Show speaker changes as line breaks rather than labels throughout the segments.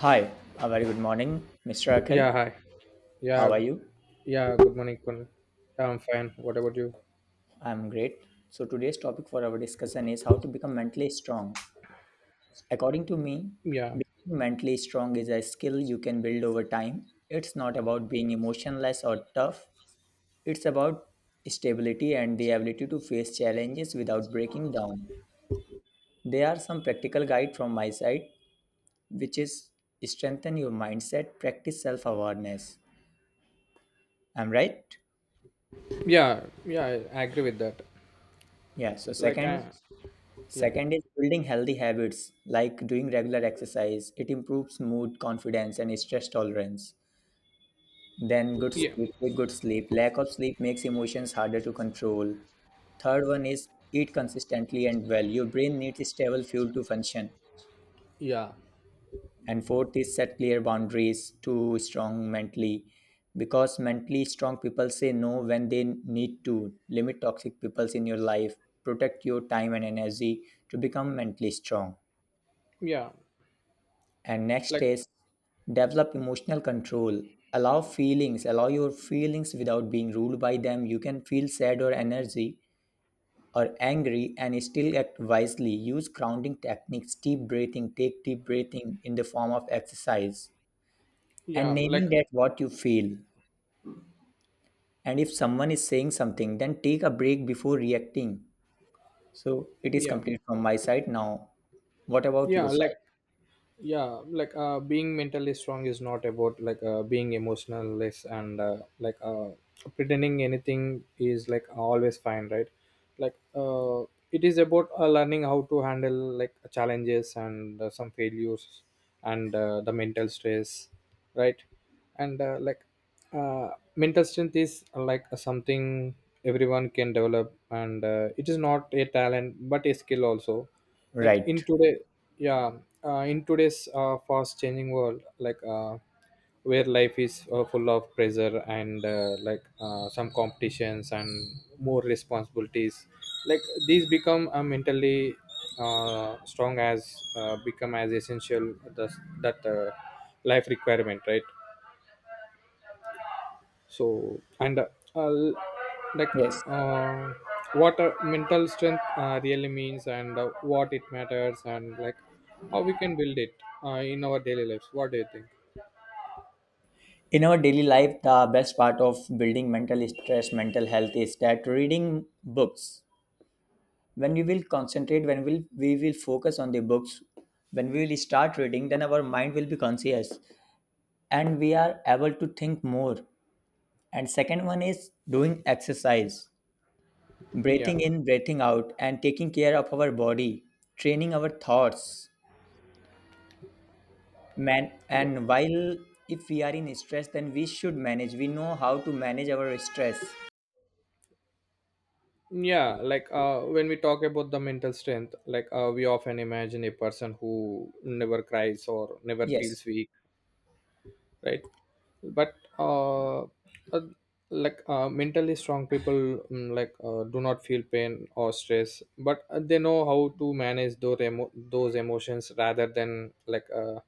Hi, a very good morning, Mr. Akhil.
Yeah, hi.
How are
Yeah,
you?
yeah, good morning, Kunal. Yeah, I'm fine. What about you?
I'm great. So today's topic for our discussion is how to become mentally strong. According to me,
Yeah,
being mentally strong is a skill you can build over time. It's not about being emotionless or tough. It's about stability and the ability to face challenges without breaking down. There are some practical guide from my side, which is strengthen your mindset, practice self-awareness. I'm right?
yeah, yeah, I agree with that.
Yeah, so
Like, I,
second,
yeah,
second is building healthy habits like doing regular exercise. It improves mood, confidence, and stress tolerance. Then, good
yeah,
sleep. Take good sleep. Lack of sleep makes emotions harder to control. Third one is eat consistently and well. Your brain needs stable fuel to function.
yeah,
And fourth is set clear boundaries to strong mentally. Because mentally strong people say no when they need to. Limit toxic people in your life. Protect your time and energy to become mentally strong.
yeah,
And next
like,
is develop emotional control. Allow feelings, allow your feelings without being ruled by them. You can feel sad or energy or angry and still act wisely. Use grounding techniques, deep breathing, take deep breathing in the form of exercise and
yeah, like,
naming that what you feel. And if someone is saying something, then take a break before reacting. So it is
yeah,
complete from my side now. What about
yeah,
your
like,
side?
yeah being mentally strong is not about being emotionless and pretending anything is like always fine, right? like uh, it is about learning how to handle like challenges and some failures and the mental stress, right? and like mental strength is like something everyone can develop, and it is not a talent but a skill also, like in
Right.
today. yeah in today's fast changing world, where life is full of pressure and some competitions and more responsibilities, like these become mentally strong as become as essential that life requirement, right? So and uh, l- like
Yes,
uh, what mental strength really means and what it matters, and like how we can build it in our daily lives. What do you think?
in our daily life, the best part of building mental stress, mental health is that reading books. When we will concentrate, when we will focus on the books. When we will start reading, then our mind will be conscious and we are able to think more. And second one is doing exercise,
Yeah.
breathing in, breathing out and taking care of our body, training our thoughts, man. And while if we are in stress, then we should manage, we know how to manage our stress.
When we talk about the mental strength, we often imagine a person who never cries or never
Yes,
feels weak, right? But mentally strong people, do not feel pain or stress, but they know how to manage those those emotions rather than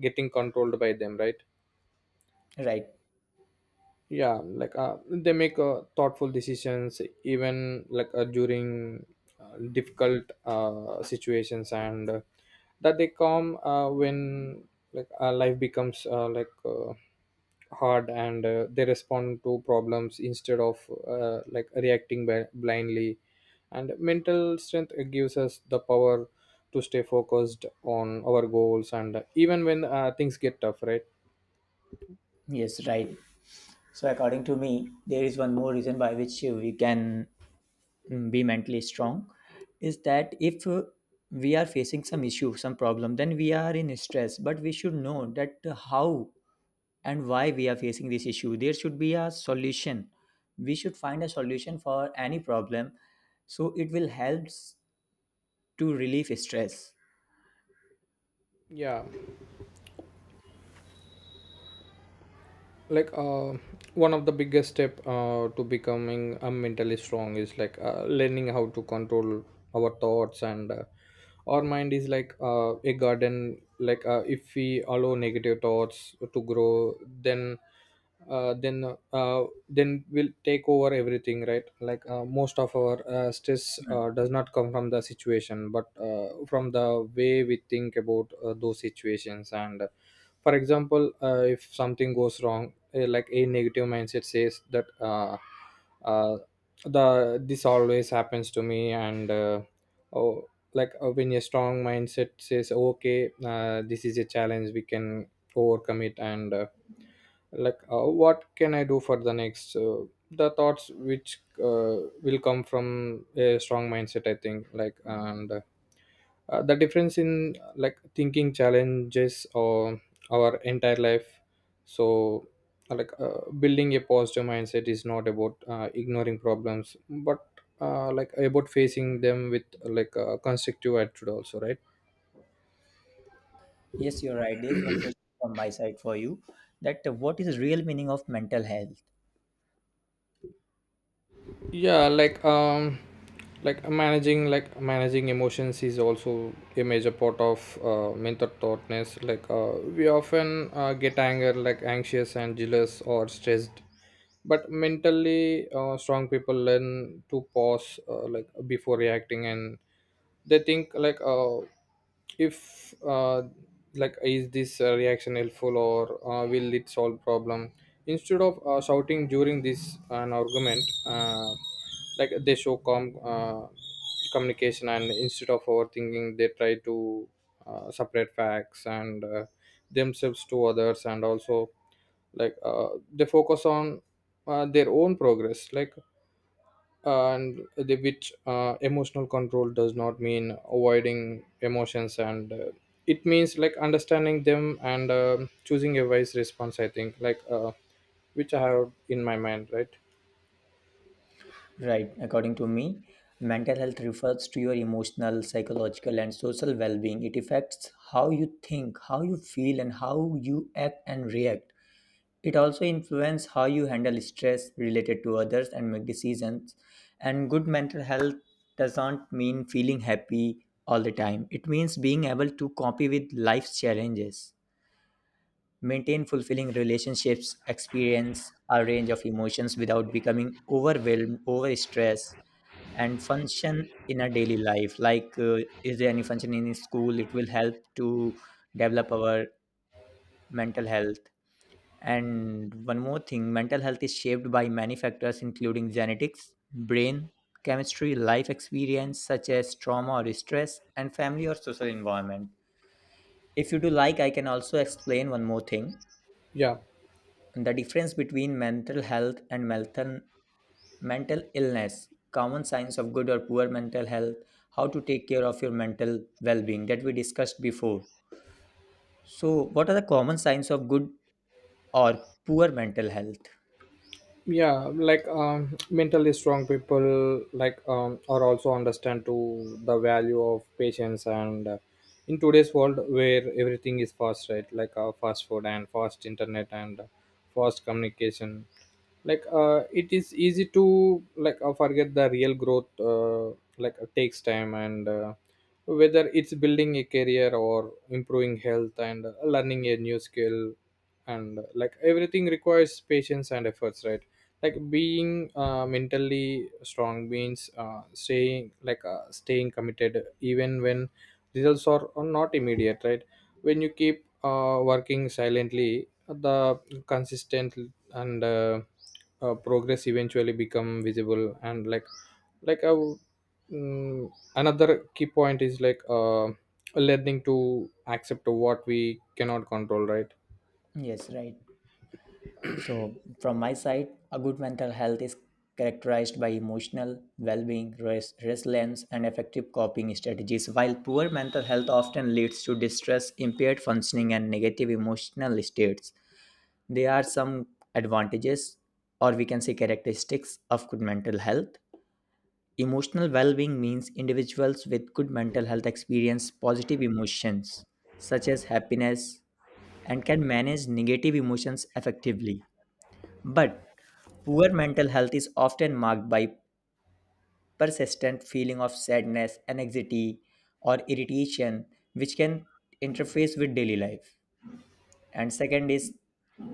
getting controlled by them, right?
right.
Yeah, they make thoughtful decisions even during difficult situations, and that they come when life becomes hard, and they respond to problems instead of like reacting blindly. And mental strength gives us the power to stay focused on our goals, and even when things get tough, right?
Yes, right. So, according to me, there is one more reason by which we can be mentally strong is that if we are facing some issue, some problem, then we are in stress, but we should know that how and why we are facing this issue. There should be a solution. We should find a solution for any problem. So, it will help to relieve stress.
Yeah, like uh, one of the biggest step to becoming mentally strong is learning how to control our thoughts, and our mind is a garden. If we allow negative thoughts to grow, then uh, then then will take over everything, right? Most of our stress
Hmm.
does not come from the situation but from the way we think about those situations. And for example, if something goes wrong, like a negative mindset says that uh, the this always happens to me, oh, when a strong mindset says okay, this is a challenge, we can overcome it, and what can I do for the next? The thoughts which will come from a strong mindset, I think, like. And the difference in like thinking challenges or our entire life. So building a positive mindset is not about ignoring problems, but like about facing them with like a constructive attitude also, right?
Yes, you're right. There is one question from my side for you that what is real meaning of mental health?
Yeah, managing like managing emotions is also a major part of mental thoughtness. We often get anger, like anxious and jealous or stressed, but mentally strong people learn to pause like before reacting, and they think like if like is this reaction helpful, or will it solve problem? Instead of shouting during this an argument, they show calm communication, and instead of overthinking they try to separate facts and themselves to others. And also they focus on their own progress, like and the which emotional control does not mean avoiding emotions, and it means like understanding them and choosing a wise response, I think, which I have in my mind, right?
Right. According to me, mental health refers to your emotional, psychological, and social well being. It affects how you think, how you feel, and how you act and react. It also influences how you handle stress related to others and make decisions. And good mental health doesn't mean feeling happy all the time, it means being able to cope with life's challenges, maintain fulfilling relationships, experience a range of emotions without becoming overwhelmed, overstressed, and function in our daily life. Like, is there any function in school? It will help to develop our mental health. And one more thing, mental health is shaped by many factors, including genetics, brain chemistry, life experience, such as trauma or stress, and family or social environment. If you do, like, I can also explain one more thing,
Yeah,
the difference between mental health and mental illness, common signs of good or poor mental health, how to take care of your mental well-being that we discussed before. So what are the common signs of good or poor mental health?
mentally strong people are also understand to the value of patience, and in today's world where everything is fast, right? Fast food and fast internet and fast communication, it is easy to forget the real growth takes time, and whether it's building a career or improving health and learning a new skill, and like everything requires patience and efforts, right? Like being mentally strong means staying staying committed even when results are not immediate, right? When you keep working silently, the consistent, and progress eventually become visible. And like, like a mm, another key point is learning to accept what we cannot control, right?
Yes, right. So from my side, a good mental health is characterized by emotional well-being, resilience and effective coping strategies, while poor mental health often leads to distress, impaired functioning and negative emotional states. There are some advantages, or we can say characteristics, of good mental health. Emotional well being means individuals with good mental health experience positive emotions such as happiness and can manage negative emotions effectively. But poor mental health is often marked by persistent feeling of sadness, anxiety, or irritation, which can interfere with daily life. And second is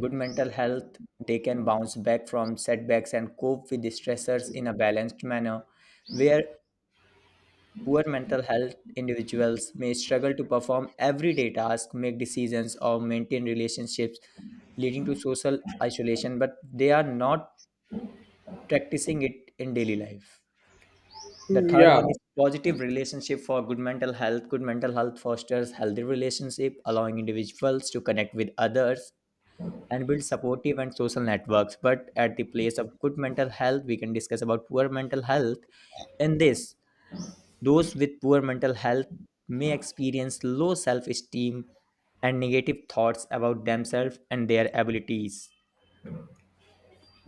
good mental health, they can bounce back from setbacks and cope with stressors in a balanced manner, where poor mental health individuals may struggle to perform everyday tasks, make decisions or maintain relationships, leading to social isolation, but they are not practicing it in daily life. The third
Yeah,
one is positive relationship for good mental health. Good mental health fosters healthy relationship, allowing individuals to connect with others and build supportive and social networks. But at the place of good mental health, we can discuss about poor mental health. In this, those with poor mental health may experience low self esteem and negative thoughts about themselves and their abilities.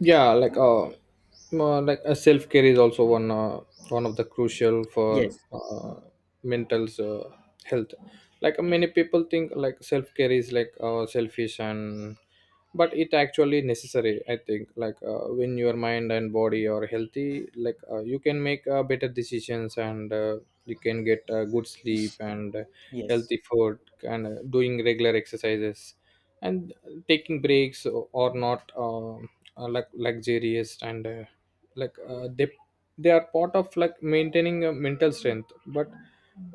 yeah like uh, like a self care is also one one of the crucial for
Yes,
mental health. Many people think like self care is selfish, and but it actually necessary, I think. When your mind and body are healthy, you can make better decisions, and you can get good sleep, and
yes,
healthy food, and doing regular exercises, and taking breaks, or not like luxurious, and like uh, they they are part of like maintaining a mental strength. But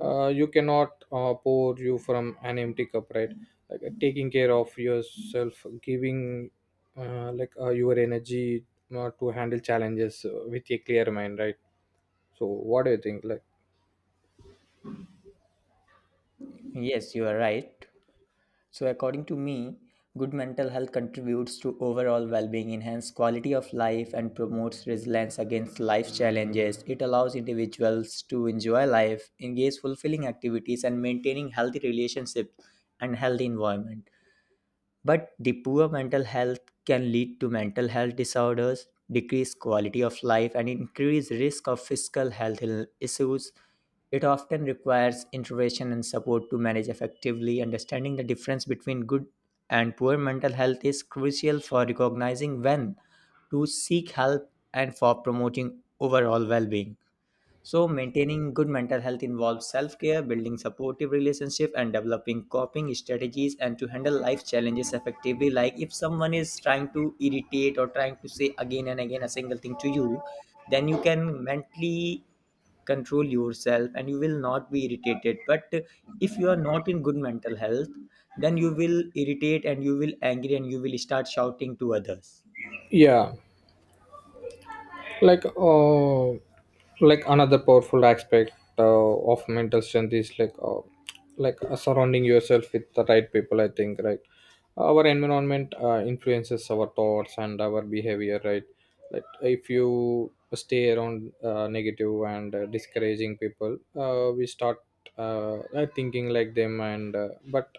you cannot pour you from an empty cup, right? Taking care of yourself giving your energy to handle challenges with a clear mind, right? So what do you think, like?
yes, you are right. So, according to me, good mental health contributes to overall well being, enhances quality of life, and promotes resilience against life challenges. It allows individuals to enjoy life, engage fulfilling activities, and maintaining healthy relationships and healthy environment. But the poor mental health can lead to mental health disorders, decreased quality of life, and increased risk of physical health issues. It often requires intervention and support to manage effectively. Understanding the difference between good and poor mental health is crucial for recognizing when to seek help and for promoting overall well being. So, maintaining good mental health involves self care, building supportive relationships, and developing coping strategies and to handle life challenges effectively. Like if someone is trying to irritate or trying to say again and again a single thing to you, then you can mentally control yourself and you will not be irritated. But if you are not in good mental health, then you will irritate and you will angry and you will start shouting to others.
Yeah, like uh, another powerful aspect uh, of mental strength is surrounding yourself with the right people, I think, right? Our environment influences our thoughts and our behavior, right? Like if you stay around negative and discouraging people, we start thinking like them. and uh, but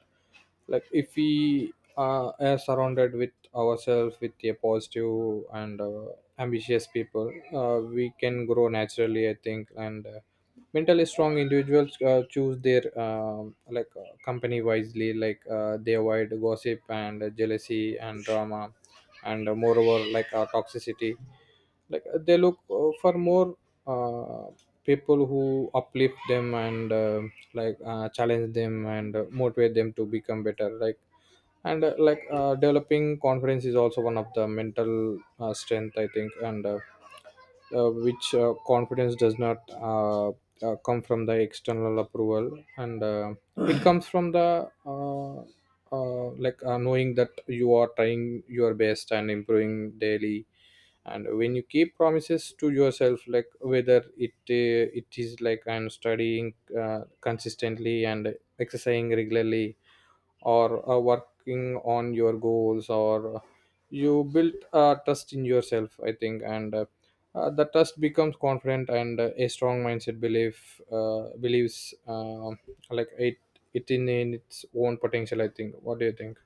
like if we are surrounded with ourselves with a positive and ambitious people, we can grow naturally, I think. And mentally strong individuals choose their company wisely. They avoid gossip and jealousy and drama, and moreover toxicity. They look for more uh, people who uplift them, and challenge them, and motivate them to become better, like. And like developing confidence is also one of the mental strength, I think. And which confidence does not come from the external approval, and it comes from the knowing that you are trying your best and improving daily. And when you keep promises to yourself, like whether it is like I'm studying consistently, and exercising regularly, or working on your goals, or you built trust in yourself, I think. And the trust becomes confident, and a strong mindset belief believes like it in its own potential, I think. What do you think?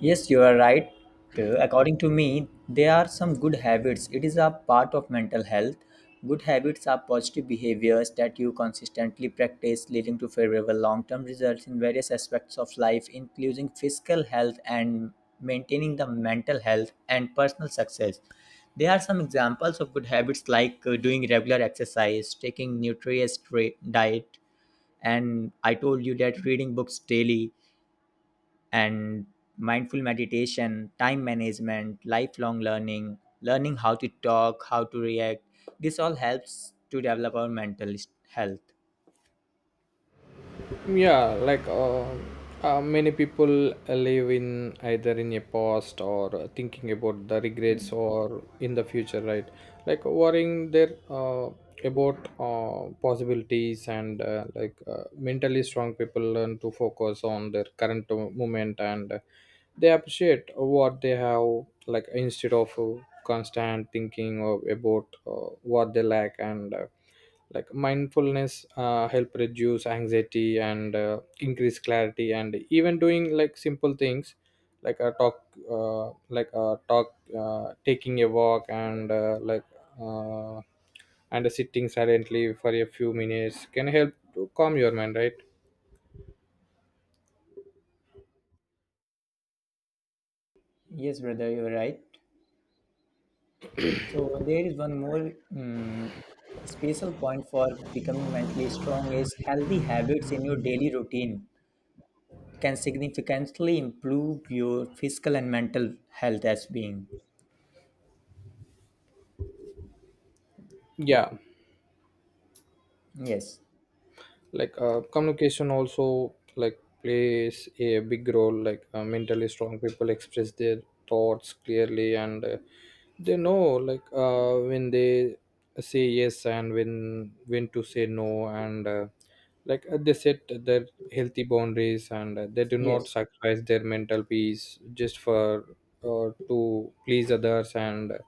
Yes, you are right. According to me, there are some good habits. It is a part of mental health. Good habits are positive behaviors that you consistently practice, leading to favorable long term results in various aspects of life, including physical health and maintaining the mental health and personal success. There are some examples of good habits like doing regular exercise, taking nutritious diet, and I told you that reading books daily and mindful meditation, time management, lifelong learning, learning how to talk, how to react. This all helps to develop our health.
Yeah, like uh, many people live in either in a past or thinking about the regrets
Hmm.
or in the future, right? Like worrying there about possibilities. And mentally strong people learn to focus on their current moment, and they appreciate what they have, like instead of constant thinking of about what they lack and. Like mindfulness help reduce anxiety and increase clarity. And even doing like simple things like a talk like a talk, taking a walk, and uh, and sitting silently for a few minutes can help to calm your mind, right?
Yes, brother, you're right. So there is one more special point for becoming mentally strong is healthy habits in your daily routine can significantly improve your physical and mental health as being.
Yeah,
Yes,
communication also like plays a big role. Mentally strong people express their thoughts clearly, and they know when they say yes and when to say no. and like they set their healthy boundaries, and they do not
yes,
sacrifice their mental peace just for to please others. And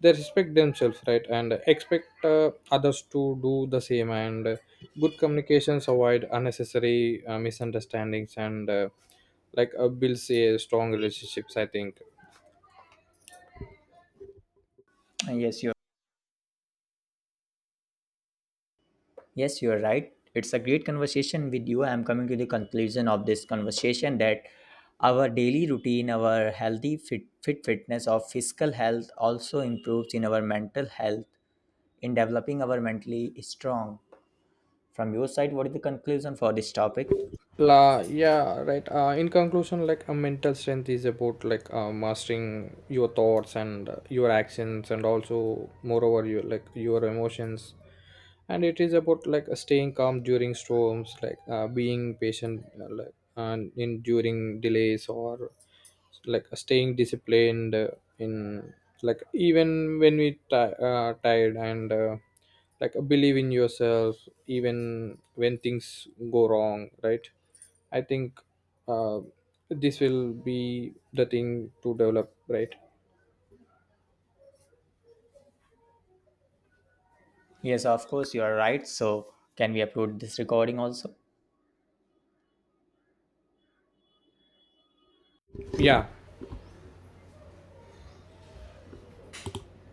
they respect themselves, right, and expect others to do the same. And good communications avoid unnecessary misunderstandings, and builds a strong relationships, I think.
yes, you're Yes, you're right. It's a great conversation with you. I'm coming to the conclusion of this conversation that our daily routine, our healthy fit fitness of physical health also improves in our mental health in developing our mentally strong. From your side, what is the conclusion for this topic?
Yeah, right. In conclusion, like a mental strength is about mastering your thoughts, and your actions, and also moreover your like your emotions. And it is about staying calm during storms, being patient, and in during delays, or like staying disciplined in like even when we ti tired. And like believe in yourself even when things go wrong, right? I think uh, this will be the thing to develop, right?
Yes, of course, you are right. So, can we upload this recording also?
Yeah.